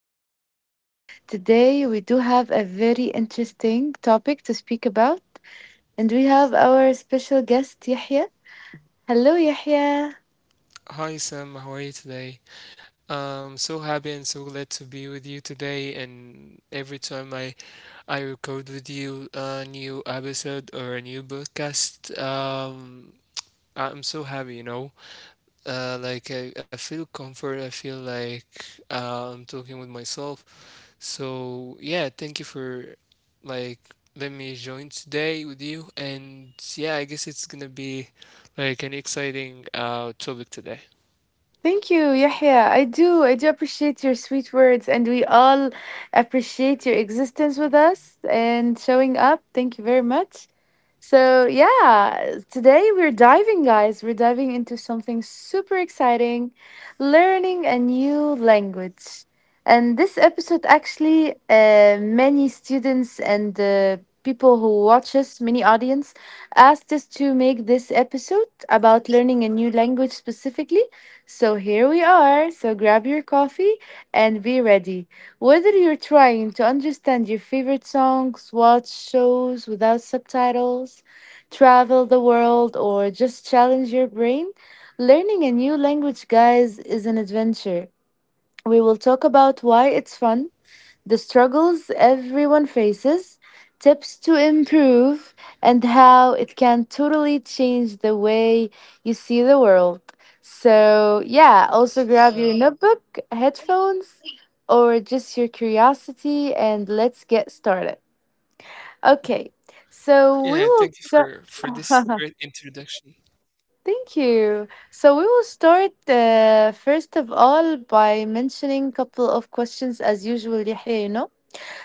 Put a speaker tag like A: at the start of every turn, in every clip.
A: episode. Today, we do have a very interesting topic to speak about, and we have our special guest, Yahya. Hello, Yahya.
B: Hi Sam, how are you today? I'm so happy and so glad to be with you today. And every time I record with you a new episode or a new podcast, I'm so happy. I feel comfort. I feel like I'm talking with myself. So yeah, thank you for like let me join today with you. And yeah, I guess it's gonna be like an exciting topic today.
A: Thank you, Yahya. I do appreciate your sweet words, and we all appreciate your existence with us and showing up. Thank you very much. So, yeah, today we're diving, guys. We're diving into something super exciting learning a new language. And this episode, actually, many students and people who watch us, many audience, asked us to make this episode about learning a new language specifically. So, here we are. So, grab your coffee and be ready whether you're trying to understand your favorite songs, watch shows without subtitles, travel the world, or just challenge your brain, learning a new language, guys, is an adventure. We will talk about why it's fun, the struggles everyone faces, tips to improve, and how it can totally change the way you see the world. So, yeah, also grab your notebook, headphones, or just your curiosity, and let's get started. Okay,
B: Yeah,
A: so
B: thank
A: we
B: you
A: will.
B: for this great
A: ju-
B: introduction.
A: Thank you. So we will start first of all by mentioning a couple of questions as usual, Yahya, you know.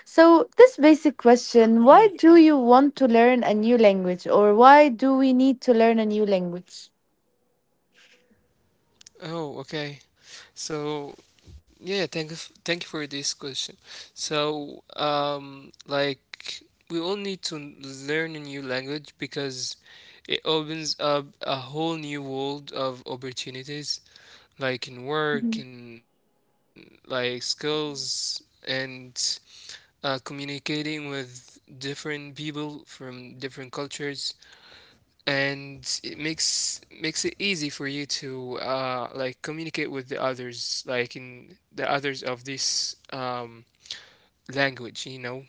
A: So, this basic question why
B: Mm.
A: do you want to learn a new language or why do we need to learn a new language?
B: Oh, okay. So, yeah, thank you thank you for this question. So, like we all need to learn a new language because it opens up a whole new world of opportunities, like in work
A: Mhm.
B: and like skills, and communicating with different people from different cultures. And it makes it easy for you to like communicate with the others, like in the others of this language, you know.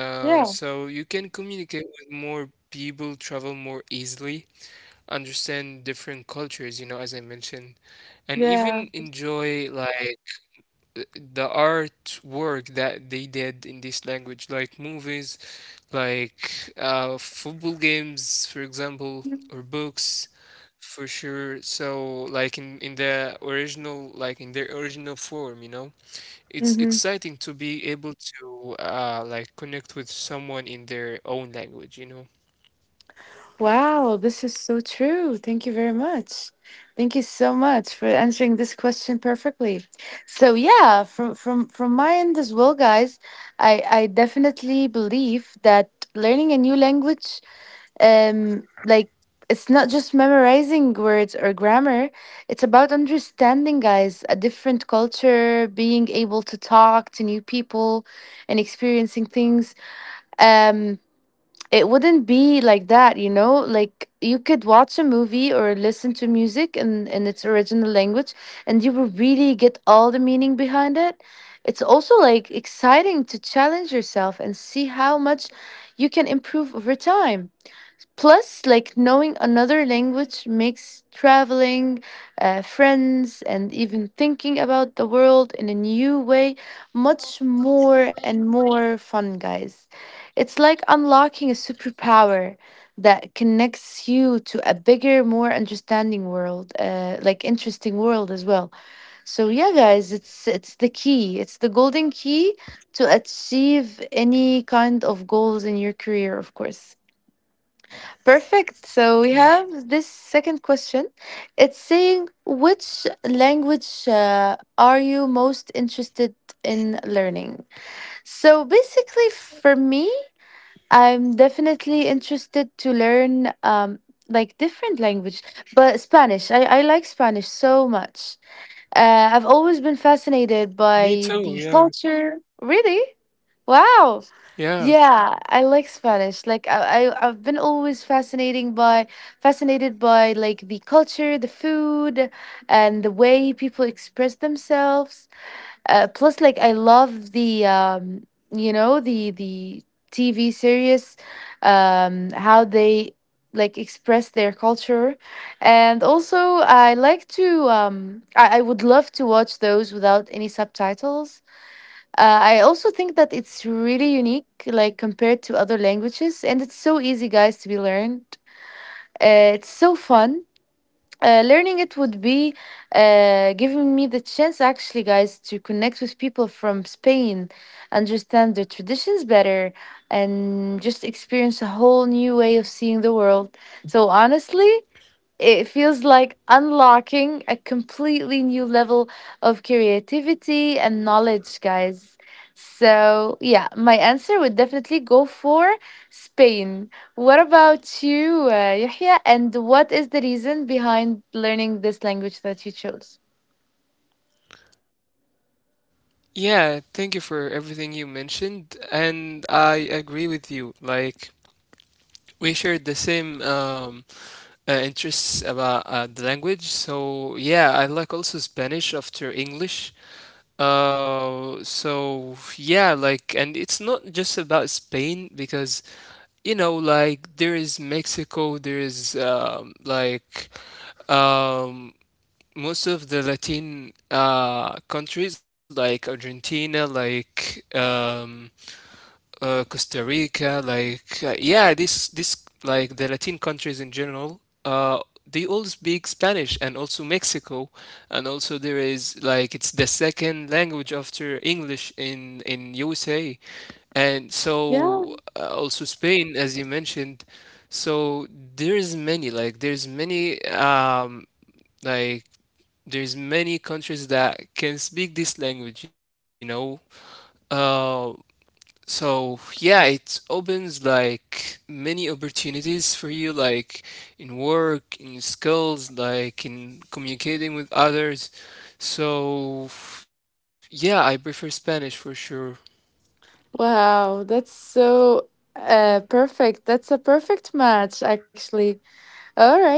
B: uh
A: Yeah,
B: so you can communicate with more people, travel more easily, understand different cultures, you know, as I mentioned, and
A: yeah.
B: even enjoy like the artwork that they did in this language, like movies, like football games, for example, or books, for sure. So, like in the original, like in their original form, you know, it's
A: Mm-hmm.
B: exciting to be able to like connect with someone in their own language, you know.
A: Wow, this is so true. Thank you very much. Thank you so much for answering this question perfectly. So yeah, from my end as well, guys, I definitely believe that learning a new language like it's not just memorizing words or grammar. It's about understanding, guys, a different culture, being able to talk to new people, and experiencing things. um it wouldn't be like that, you know, like you could watch a movie or listen to music in its original language, and you will really get all the meaning behind it. It's also like exciting to challenge yourself and see how much you can improve over time. Plus, like knowing another language makes traveling, friends, and even thinking about the world in a new way much more and more fun, guys. It's like unlocking a superpower that connects you to a bigger, more understanding world, like interesting world as well. So yeah, guys, it's the key. It's the golden key to achieve any kind of goals in your career, of course. Perfect. So we
B: Mm.
A: have this second question. It's saying, which language are you most interested in learning? So basically, for me, I'm definitely interested to learn like different language, but Spanish. I like Spanish so much. I've always been fascinated by the
B: Me too,
A: culture.
B: yeah.
A: Really? Wow. Yeah, I
B: Yeah.
A: like Spanish. Like I've been always fascinating by fascinated by like the culture, the food, and the way people express themselves. Plus, like I love the you know, the TV series, how they like express their culture, and also I like to I would love to watch those without any subtitles. I also think that it's really unique, like compared to other languages, and it's so easy, guys, to be learned. It's so fun. Learning it would be giving me the chance, actually, guys, to connect with people from Spain, understand their traditions better, and just experience a whole new way of seeing the world. So, honestly, it feels like unlocking a completely new level of creativity and knowledge, guys. So, yeah, my answer would definitely go for Spain. What about you, Yahya? And what is the reason behind learning this language that you chose?
B: Yeah, thank you for everything you mentioned, and I agree with you. Like we shared the same interests about the language. So yeah, I like also Spanish after English. So yeah, like, and it's not just about Spain because, you know, like, there is Mexico, there is um, most of the Latin countries like Argentina, like Costa Rica, like yeah, this like the Latin countries in general, uh, they all speak Spanish, and also Mexico, and also there is like it's the second language after English in USA, and
A: Yeah.
B: so also Spain, as you mentioned. So like there's many countries that can speak this language, you know. Uh, so yeah, it opens like many opportunities for you, like in work, in your skills, like in communicating with others. So yeah, I prefer Spanish for sure.
A: Wow, that's so perfect. That's a perfect match, actually. All right.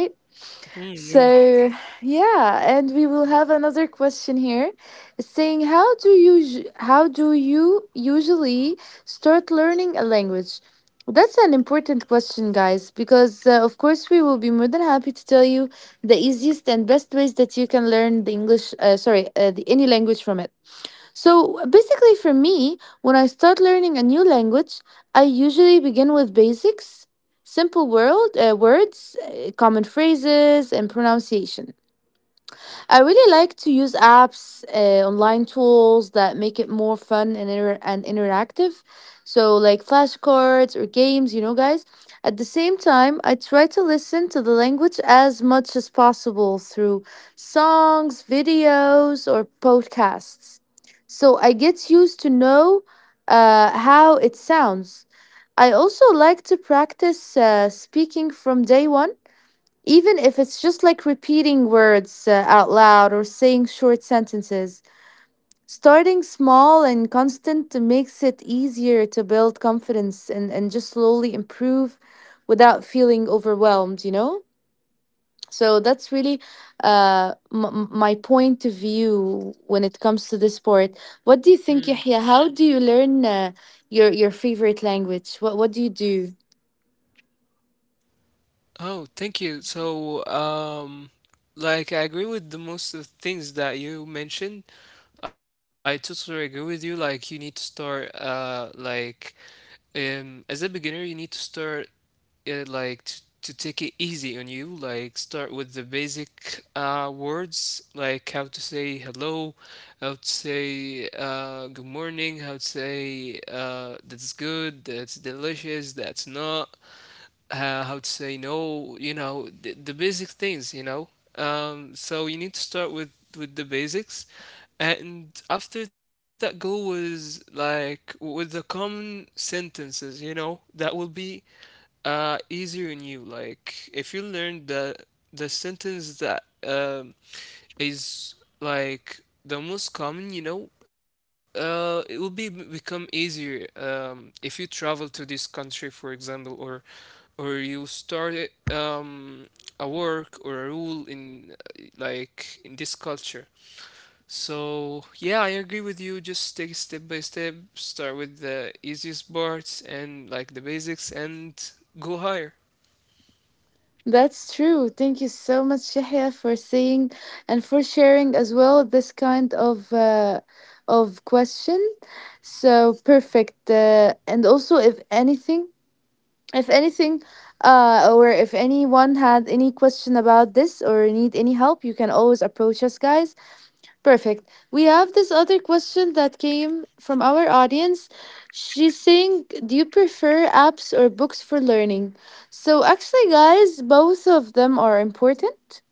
B: Mm, you-
A: So, yeah, and we will have another question here saying how do you usually start learning a language? That's an important question, guys, because of course we will be more than happy to tell you the easiest and best ways that you can learn the English, sorry, any language from it. So basically, for me, when I start learning a new language, I usually begin with basics, simple world words, common phrases, and pronunciation. I really like to use apps, online tools that make it more fun and interactive. So like flashcards or games, you know, guys. At the same time, I try to listen to the language as much as possible through songs, videos, or podcasts. So I get used to know how it sounds. I also like to practice speaking from day one even if it's just like repeating words out loud or saying short sentences. Starting small and constant makes it easier to build confidence and just slowly improve without feeling overwhelmed, you know? So that's really my point of view when it comes to this part. What do you think, Yahya? How do you learn your favorite language? What do you do?
B: Oh, thank you. So, like I agree with the most of things that you mentioned. I totally agree with you. Like you need to start, as a beginner, you need to start to take it easy on you, like start with the basic words, like how to say hello, how to say good morning, how to say that's good, that's delicious, that's not, how to say no, you know, the basic things, you know. So you need to start with the basics, and after that goal was like with the common sentences, you know, that will be easier on you. Like if you learn the sentence that is like the most common, you know, it will be become easier, if you travel to this country for example, or you start um a work or a rule in like in this culture. So, yeah, I agree with you. Just take it step by step, start with the easiest parts and like the basics, and go higher.
A: That's true. Thank you so much, Shahya, for saying and for sharing as well this kind of question. So perfect. And also, if anything, or if anyone had any question about this or need any help, you can always approach us, guys. Perfect. We have this other question that came from our audience. She's saying, do you prefer apps or books for learning? So, actually, guys, both of them are important.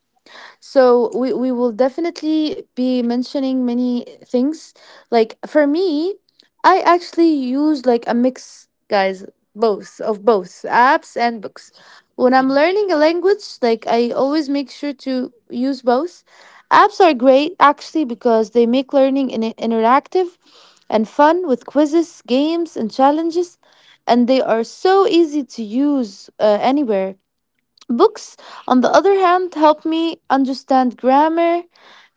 A: So we will definitely be mentioning many things. Like for me, I actually use like a mix, guys, both of both apps and books.
B: Mm.
A: When I'm learning a language, like I always make sure to use both. Apps are great actually because they make learning interactive and fun with quizzes, games, and challenges, and they are so easy to use anywhere. Books, on the other hand, help me understand grammar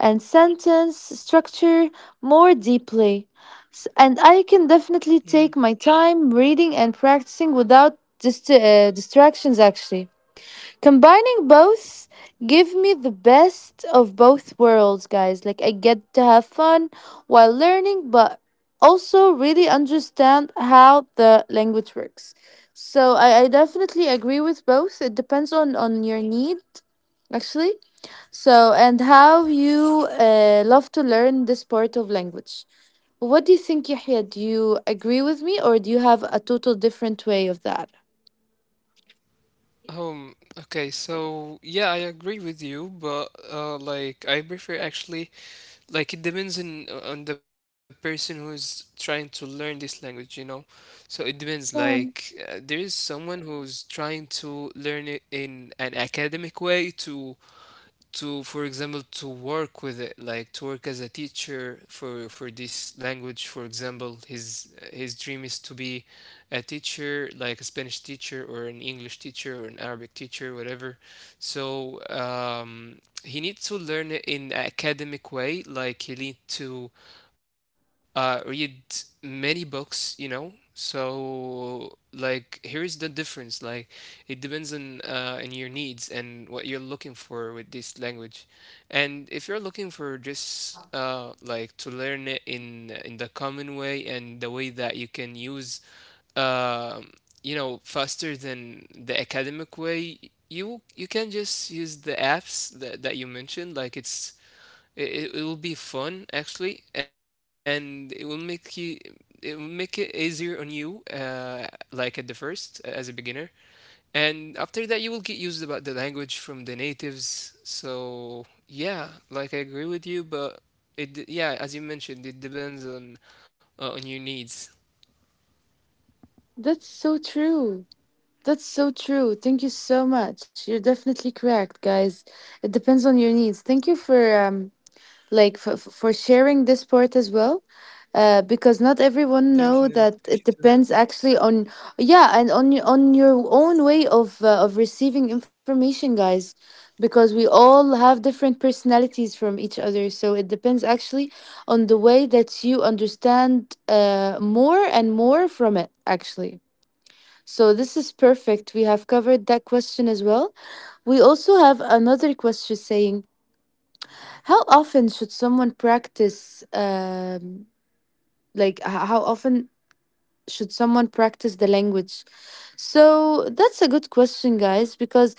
A: and sentence structure more deeply. And I can
B: Mm.
A: definitely take my time reading and practicing without distractions, actually. Combining both give me the best of both worlds, guys. Like I get to have fun while learning, but also really understand how the language works. So I definitely agree with both. It depends on your need, actually. So and how you love to learn this part of language. What do you think, Yahya? Do you agree with me, or do you have a total different way of that?
B: Okay, so yeah, I agree with you, but like I prefer actually, like it depends on the person who is trying to learn this language, you know. So it depends like there is someone who's trying to learn it in an academic way, to for example to work with it, like to work as a teacher for this language, for example. His dream is to be a teacher, like a Spanish teacher or an English teacher or an Arabic teacher, whatever. So he needs to learn it in an academic way, like he need to read many books, you know. So like here is the difference. Like it depends on your needs and what you're looking for with this language. And if you're looking for just like to learn it in the common way and the way that you can use um you know, faster than the academic way, you can just use the apps that, that you mentioned. Like it will be fun actually, and it will make it easier on you, like at the first as a beginner, and after that you will get used about the language from the natives. So yeah, like I agree with you, but yeah, as you mentioned, it depends on your needs.
A: That's so true. That's so true. Thank you so much. You're definitely correct, guys. It depends on your needs. Thank you for like for sharing this part as well. Because not everyone
B: Thank you.
A: know that it depends actually on yeah and on your own way of receiving information, guys. Because we all have different personalities from each other, so it depends actually on the way that you understand more and more from it actually. So this is perfect. We have covered that question as well. We also have another question saying, how often should someone practice how often should someone practice the language? So that's a good question, guys, because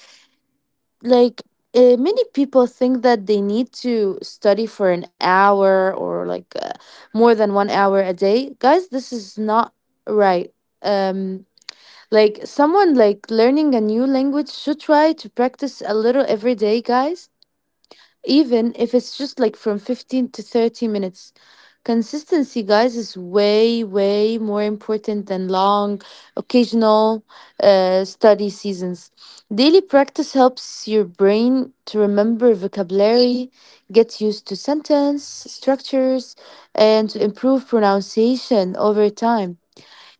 A: like many people think that they need to study for an hour or like more than 1 hour a day. Guys, this is not right. Um Like someone like learning a new language should try to practice a little every day, guys. Even if it's just like from 15 to 30 minutes. Consistency, guys, is way, way more important than long, occasional study seasons. Daily practice helps your brain to remember vocabulary, get used to sentence structures, and to improve pronunciation over time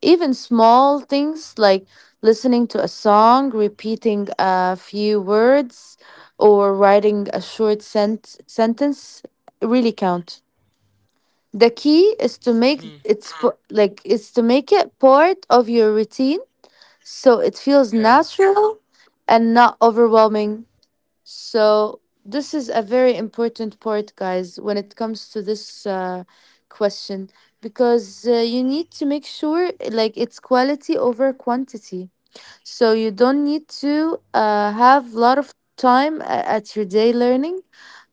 A: even small things like listening to a song, repeating a few words, or writing a short sentence really count. The key is to make
B: Mm,
A: it's p- like is to make it part of your routine so it feels
B: yeah.
A: natural and not overwhelming. So this is a very important part, guys, when it comes to this question, because you need to make sure like it's quality over quantity. So you don't need to have a lot of time at your day learning,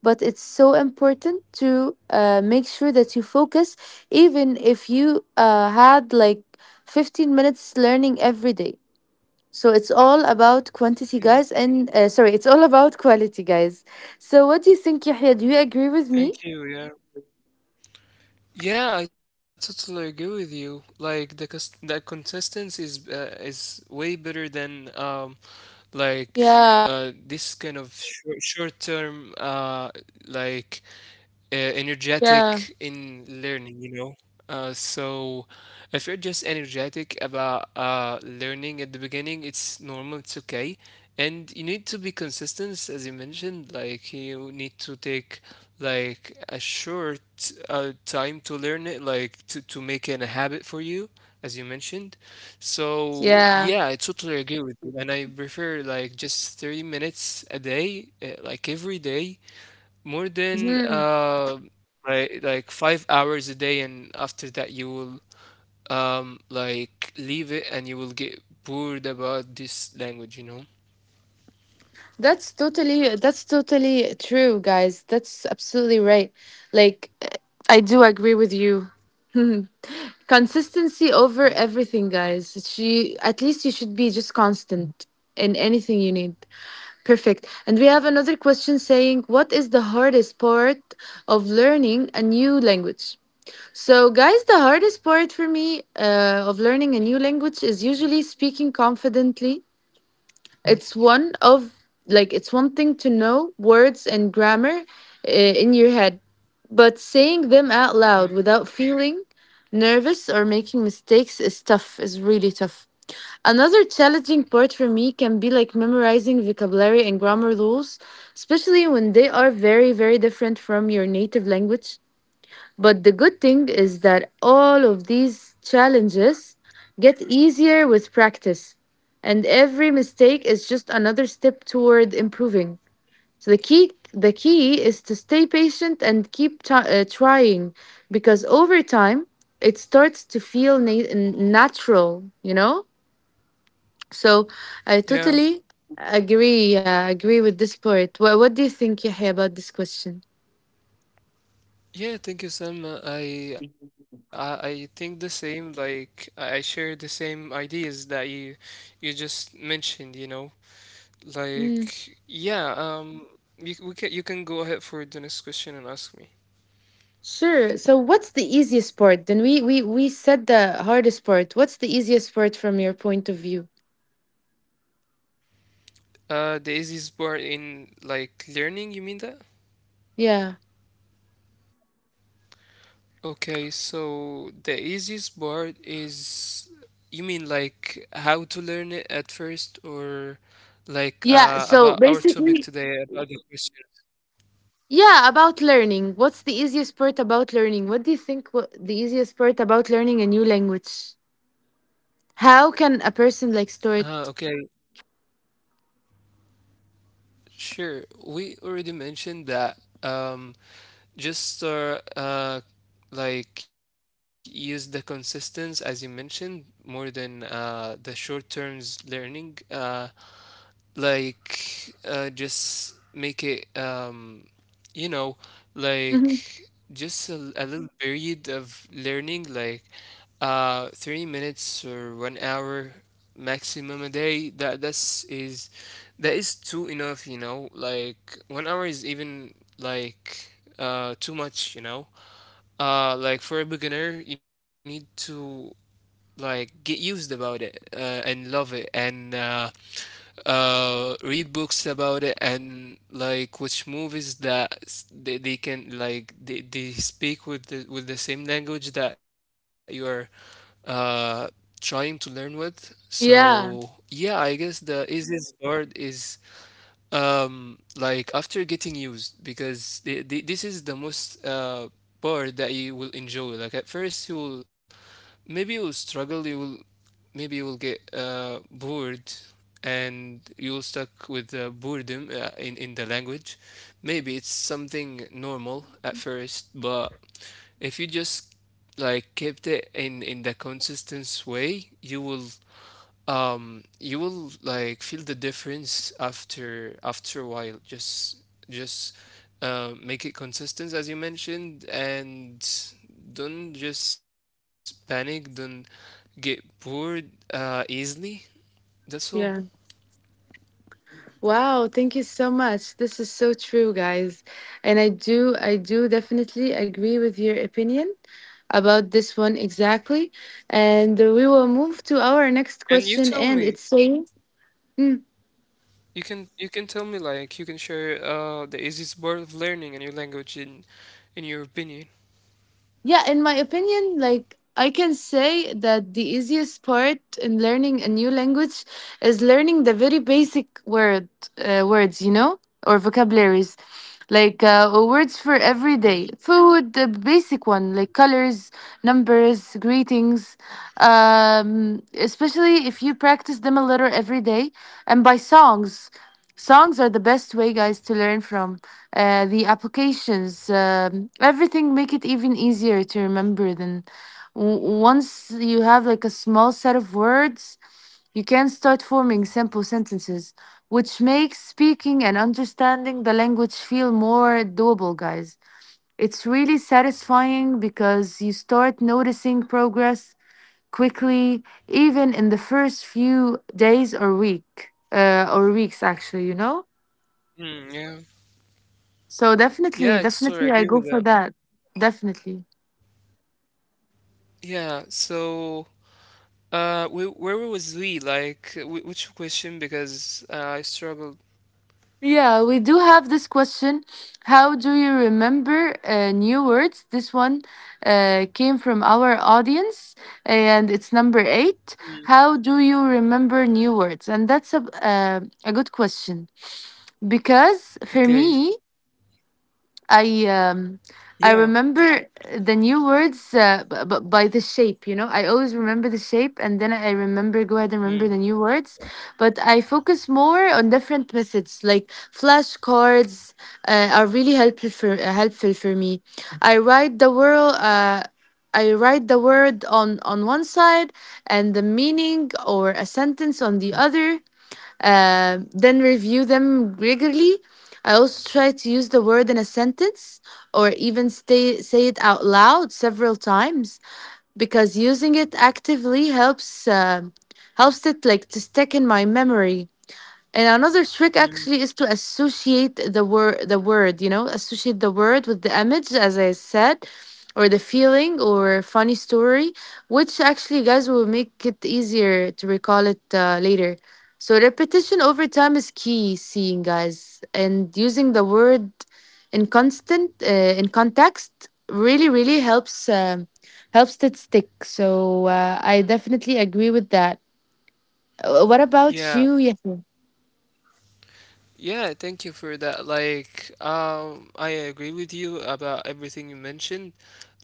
A: but it's so important to make sure that you focus, even if you had like 15 minutes learning every day so it's all about quantity, guys, and sorry, it's all about quality, guys. So what do you think, Yahya? Do you agree with me?
B: Thank you. Yeah, yeah, I totally agree with you. Like the consistency is way better than like
A: Yeah,
B: this kind of short term like
A: yeah,
B: energetic in learning, you know. So if you're just energetic about learning at the beginning, it's normal, it's okay. And you need to be consistent, as you mentioned. Like you need to take like a short time to learn it, like to make it a habit for you, as you mentioned. So
A: yeah.
B: yeah, I totally agree with you. And I prefer like just 30 minutes a day, like every day, more than 5 hours a day, and after that you will like leave it and you will get bored about this language, you know.
A: That's totally true, guys. That's absolutely right. Like I do agree with you. Consistency over
B: Mm.
A: everything, guys. She at least you should be just constant in anything you need. Perfect. And we have another question saying, what is the hardest part of learning a new language? So, guys, the hardest part for me of learning a new language is usually speaking confidently. It's one of Like it's one thing to know words and grammar in your head, but saying them out loud without
B: Mm.
A: feeling nervous or making mistakes is tough, is really tough. Another challenging part for me can be like memorizing vocabulary and grammar rules, especially when they are very, very different from your native language. But the good thing is that all of these challenges get easier with practice, and every mistake is just another step toward improving. So the key is to stay patient and keep trying because over time it starts to feel natural, you know? So I totally
B: Yeah.
A: agree with this part. What do you think, Yahya, about this question?
B: Yeah, thank you, Sam. I think the same. Like I share the same ideas that you just mentioned, you know. Like yeah, you, we can, you can go ahead for the next question and ask me.
A: Sure. So what's the easiest part? Then we said the hardest part. What's the easiest part from your point of view?
B: The easiest part in like learning, you mean that?
A: Yeah.
B: Okay, so the easiest part is, you mean like how to learn it at first, or like
A: Yeah, so
B: about our
A: basic,
B: topic today, about the question?
A: yeah, about learning. What's the easiest part about learning? What do you think what the easiest part about learning a new language? How can a person like
B: Okay,
A: start?
B: sure. We already mentioned that, just like use the consistency as you mentioned, more than the short terms learning. Just make it you know, like
A: Mhm.
B: just a little period of learning, like 3 minutes or 1 hour maximum a day. That is too enough, you know. Like 1 hour is even like too much, you know. Like for a beginner, you need to like get used about it, and love it and read books about it, and like watch movies that they speak with the same language that you're uh trying to learn with. So yeah, I guess the easiest part is like after getting used, because this is the most part that you will enjoy. Like at first you will maybe you'll struggle, you will maybe you will get bored and you'll stuck with the boredom in the language. Maybe it's something normal at first, but if you just like kept it in the consistent way, you will like feel the difference after a while. Just Make it consistent as you mentioned, and don't just panic, don't get bored easily. That's all.
A: Yeah. Wow, thank you so much. This is so true, guys. And I do definitely agree with your opinion about this one exactly. And we will move to our next
B: And you
A: question,
B: tell
A: and
B: me,
A: it's saying,
B: you can tell me, like you can share the easiest part of learning a new language in your opinion.
A: yeah, in my opinion, like I can say that the easiest part in learning a new language is learning the very basic words, you know, or vocabularies, like words for every
B: Mm,
A: day, food, the basic one, like colors, numbers, greetings. Especially if you practice them a little every day, and by songs. Songs are the best way, guys, to learn from the applications. Um, everything make it even easier to remember. Then, w- once you have like a small set of words, you can start forming simple sentences, which makes speaking and understanding the language feel more doable, guys. It's really satisfying because you start noticing progress quickly, even in the first few days or weeks, actually, you know?
B: mm, yeah
A: So definitely,
B: yeah, it's true, I
A: definitely, I
B: agree
A: go
B: with
A: for
B: that.
A: that. Definitely.
B: Yeah. So where was we? Like, which question? Because I struggled.
A: Yeah, we do have this question. How do you remember new words? This one came from our audience, and it's number eight.
B: Mm.
A: How do you remember new words? And that's a good question because for
B: Okay.
A: me, I um, I
B: Yeah.
A: remember the new words by the shape, you know. I always remember the shape and then I remember go ahead and remember the
B: Mm,
A: new words, but I focus more on different methods like flashcards are really helpful for helpful for me. I write the word uh I write the word on one side and the meaning or a sentence on the other, then review them regularly. I also try to use the word in a sentence or even say it out loud several times because using it actively helps helps it like to stick in my memory. And another trick
B: mm.
A: actually is to associate the word, you know, associate the word with the image, as I said, or the feeling or funny story, which actually, guys, will make it easier to recall it later. So repetition over time is key, seeing guys, and using the word in constant, uh, in context, really, really helps helps it stick. So I definitely agree with that. What about
B: Yeah.
A: you? Yeah.
B: Yeah. Thank you for that. Like, I agree with you about everything you mentioned.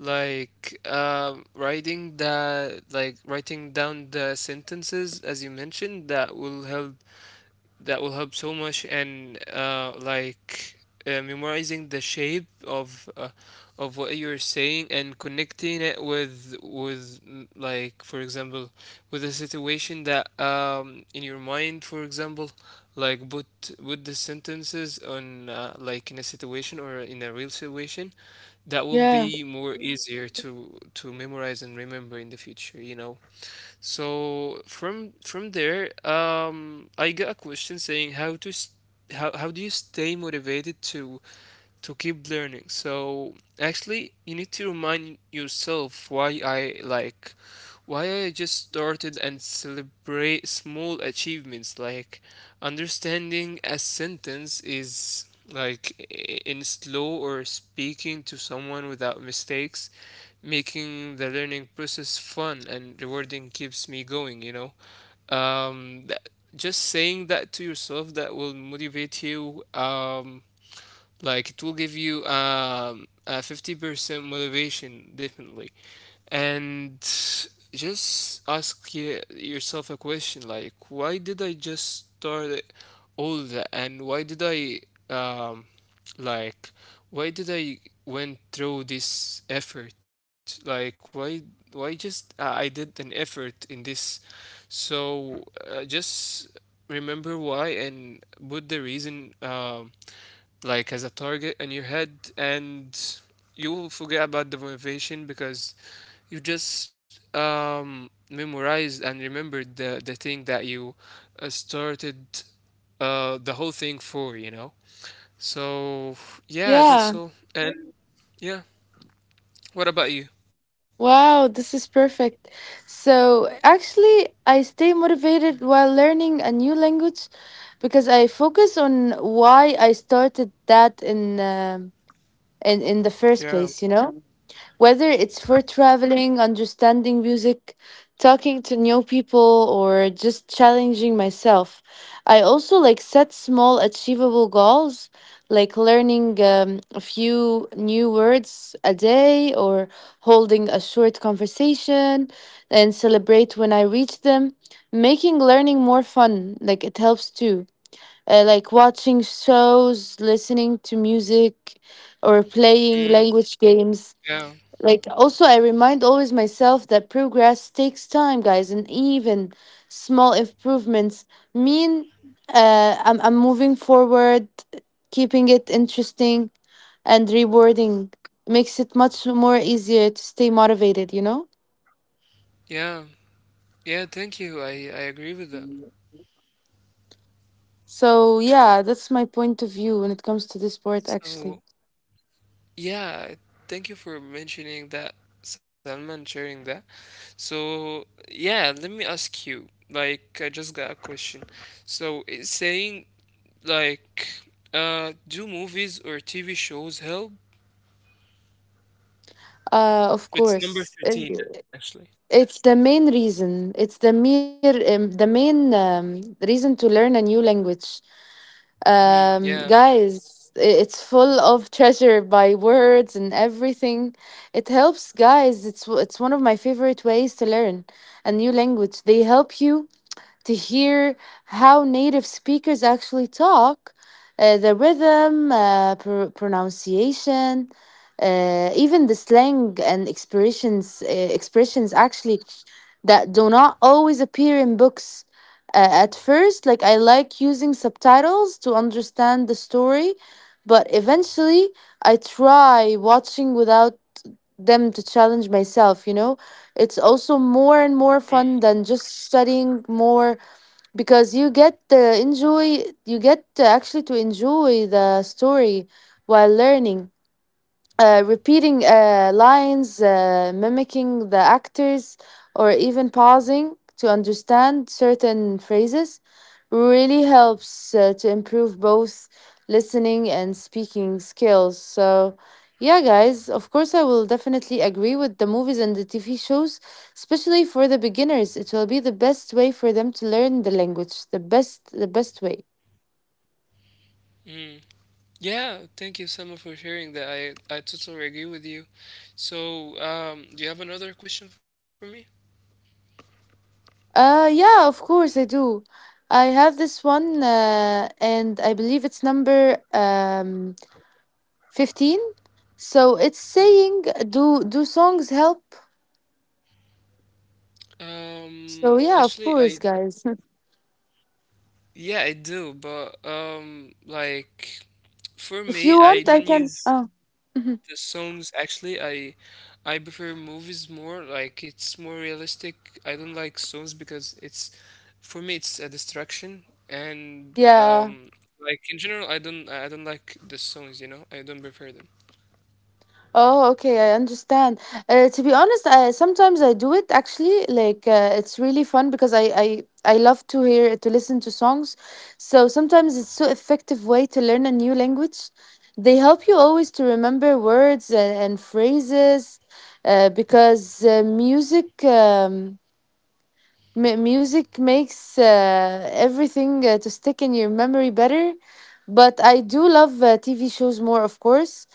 B: Like, writing down the sentences as you mentioned, that will help. That will help so much, and memorizing the shape of what you're saying, and connecting it with like for example with a situation that in your mind, for example, like put the sentences on, like in a situation or in a real situation, that will
A: Yeah.
B: be more easier to memorize and remember in the future, you know. So from there, I got a question saying how to s how do you stay motivated to keep learning? So actually, you need to remind yourself why, I like why I just started, and celebrate small achievements like understanding a sentence is in slow, or speaking to someone without mistakes. Making the learning process fun and rewarding keeps me going, you know. Um that, just saying that to yourself, that will motivate you. Um like it will give you a 50% motivation, definitely. And just ask yourself a question like, why did I just start all that? And why did I, um, like, why did I went through this effort? Like, why just I did an effort in this? So just remember why, and put the reason, like as a target in your head, and you will forget about the motivation because you just memorized and remembered the thing that you started the whole thing for, you know. So yeah, that's
A: Yeah.
B: all. And yeah, what about you?
A: Wow, this is perfect. So, actually, I stay motivated while learning a new language because I focus on why I started that in the first
B: Yeah.
A: place, you know? Whether it's for traveling, understanding music, talking to new people, or just challenging myself. I also like set small achievable goals, like learning a few new words a day or holding a short conversation and celebrate when I reach them, making learning more fun, like it helps too. Like watching shows, listening to music, or playing language
B: Mm,
A: games,
B: yeah.
A: like also I remind always myself that progress takes time, guys, and even small improvements mean I'm moving forward, keeping it interesting and rewarding makes it much more easier to stay motivated, you know?
B: Yeah. Yeah, thank you, I agree with that.
A: So yeah, that's my point of view when it comes to this sport actually.
B: So yeah, thank you for mentioning that, Salman, sharing that. So, yeah, let me ask you. Like, I just got a question. So, it's saying, like, do movies or TV shows help?
A: Of
B: It's
A: course,
B: number 13, actually.
A: it's the main reason. It's the mere the main reason to learn a new language,
B: Hmm, yeah.
A: guys, it's full of treasure by words and everything, it helps guys, it's one of my favorite ways to learn a new language. They help you to hear how native speakers actually talk, the rhythm, pronunciation, even the slang and expressions, expressions actually that do not always appear in books. At first, like I like using subtitles to understand the story, but eventually I try watching without them to challenge myself, you know? It's also more and more fun
B: Hmm,
A: than just studying more because you get actually to enjoy the story while learning, repeating lines, mimicking the actors, or even pausing to understand certain phrases really helps to improve both listening and speaking skills. So, yeah, guys, of course, I will definitely agree with the movies and the TV shows, especially for the beginners. It will be the best way for them to learn the language, the best way.
B: hmm. Yeah, thank you, Salman, for sharing that. I totally agree with you. So, do you have another question for me?
A: Yeah, of course I do. I have this one, and I believe it's number 15. So it's
B: Hmm.
A: saying, "Do do songs help?" So yeah, of
B: Actually,
A: course,
B: I
A: guys.
B: Yeah, I do, but like for
A: If
B: me,
A: you
B: I
A: want, I
B: don't
A: can.
B: use
A: Oh,
B: the songs actually. I prefer movies more. Like it's more realistic. I don't like songs because it's for me it's a distraction, and
A: yeah.
B: in general I don't like the songs, you know. I don't prefer them.
A: Oh, okay, I understand. To be honest, sometimes I do it actually. Like it's really fun because I love to hear to listen to songs. So sometimes it's so effective way to learn a new language. They help you always to remember words and phrases, because music, music makes everything to stick in your memory better. But I do love TV shows more, of course.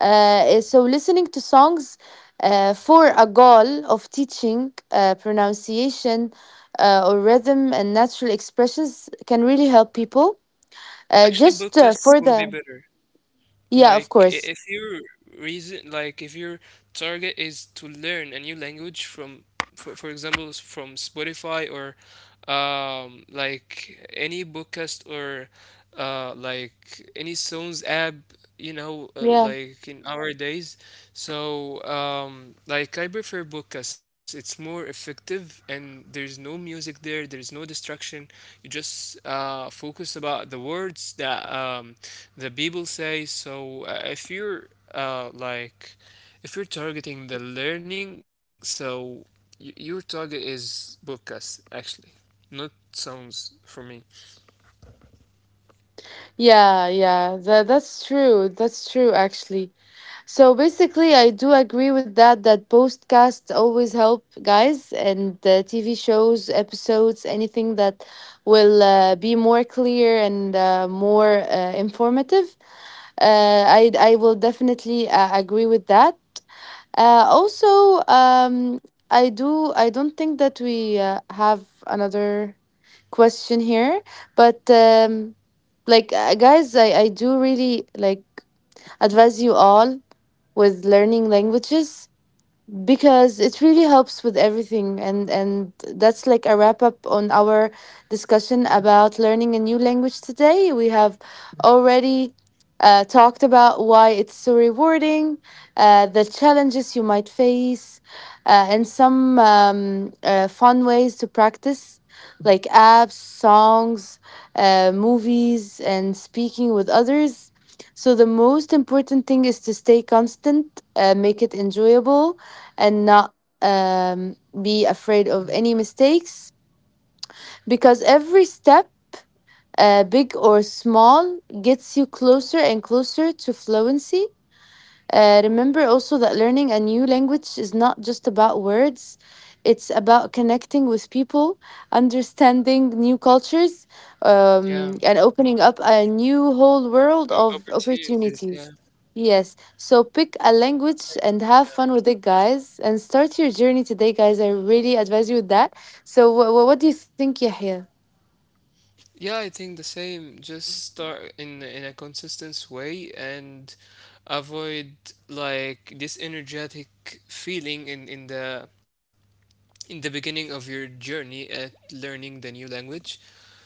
A: Eh, so listening to songs, for a goal of teaching pronunciation or rhythm and natural expressions can really help people.
B: Actually,
A: Just
B: podcasts
A: for
B: will be
A: the
B: better.
A: yeah, of
B: Like
A: course,
B: if your reason, like if your target is to learn a new language from, for example, from Spotify or like any podcast or like any songs app, you know,
A: yeah,
B: like in our days. So, like, I prefer Bookas. It's more effective, and there's no music there, there's no distraction. You just focus about the words that the people say. So, if you're uh, like, if you're targeting the learning, so your target is Bookas actually, not songs for me.
A: yeah, yeah. That that's true. That's true, actually. So basically, I do agree with that. That podcasts always help, guys, and the TV shows, episodes, anything that will be more clear and more informative. I will definitely agree with that. Also, I do. I don't think that we have another question here, but like guys, I do really like advise you all with learning languages because it really helps with everything, and that's like a wrap up on our discussion about learning a new language. Today we have already talked about why it's so rewarding, the challenges you might face, and some fun ways to practice, like apps, songs, movies, and speaking with others. So the most important thing is to stay constant, make it enjoyable, and not um, be afraid of any mistakes, because every step, big or small, gets you closer and closer to fluency. Remember also that learning a new language is not just about words, it's about connecting with people, understanding new cultures,
B: Yeah,
A: and opening up a new whole world of
B: opportunities. Yeah,
A: opportunities. Yes, so pick a language
B: thank
A: and
B: you.
A: have fun with it, guys, and start your journey today, guys. I really advise you with that. So, what do you think, Yahya?
B: Yeah, I think the same. Just start in a consistent way, and avoid like this energetic feeling in the beginning of your journey at learning the new language.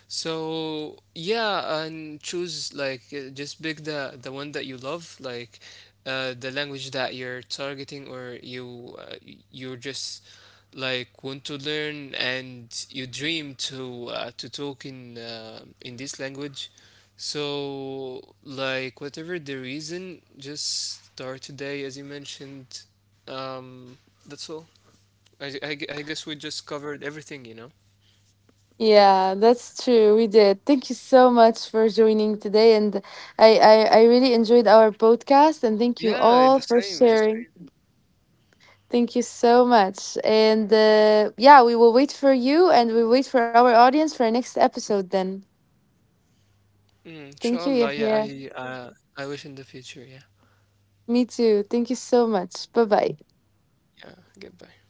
B: So yeah, and choose like just pick the one that you love, like the language that you're targeting, or you you're just like want to learn and you dream to talk in this language. So like whatever the reason, just start today, as you mentioned. Um, that's all. I guess we just covered everything, you know.
A: Yeah, that's true. We did. Thank you so much for joining today. And I really enjoyed our podcast. And thank you
B: Yeah,
A: all
B: the
A: for
B: same, the
A: sharing.
B: same.
A: Thank you so much. And yeah, we will wait for you and we wait for our audience for our next episode then.
B: Mm,
A: Thank you,
B: inshallah, yeah,
A: Yahya.
B: I wish in the future, yeah.
A: Me too. Thank you so much. Bye bye.
B: Yeah, goodbye.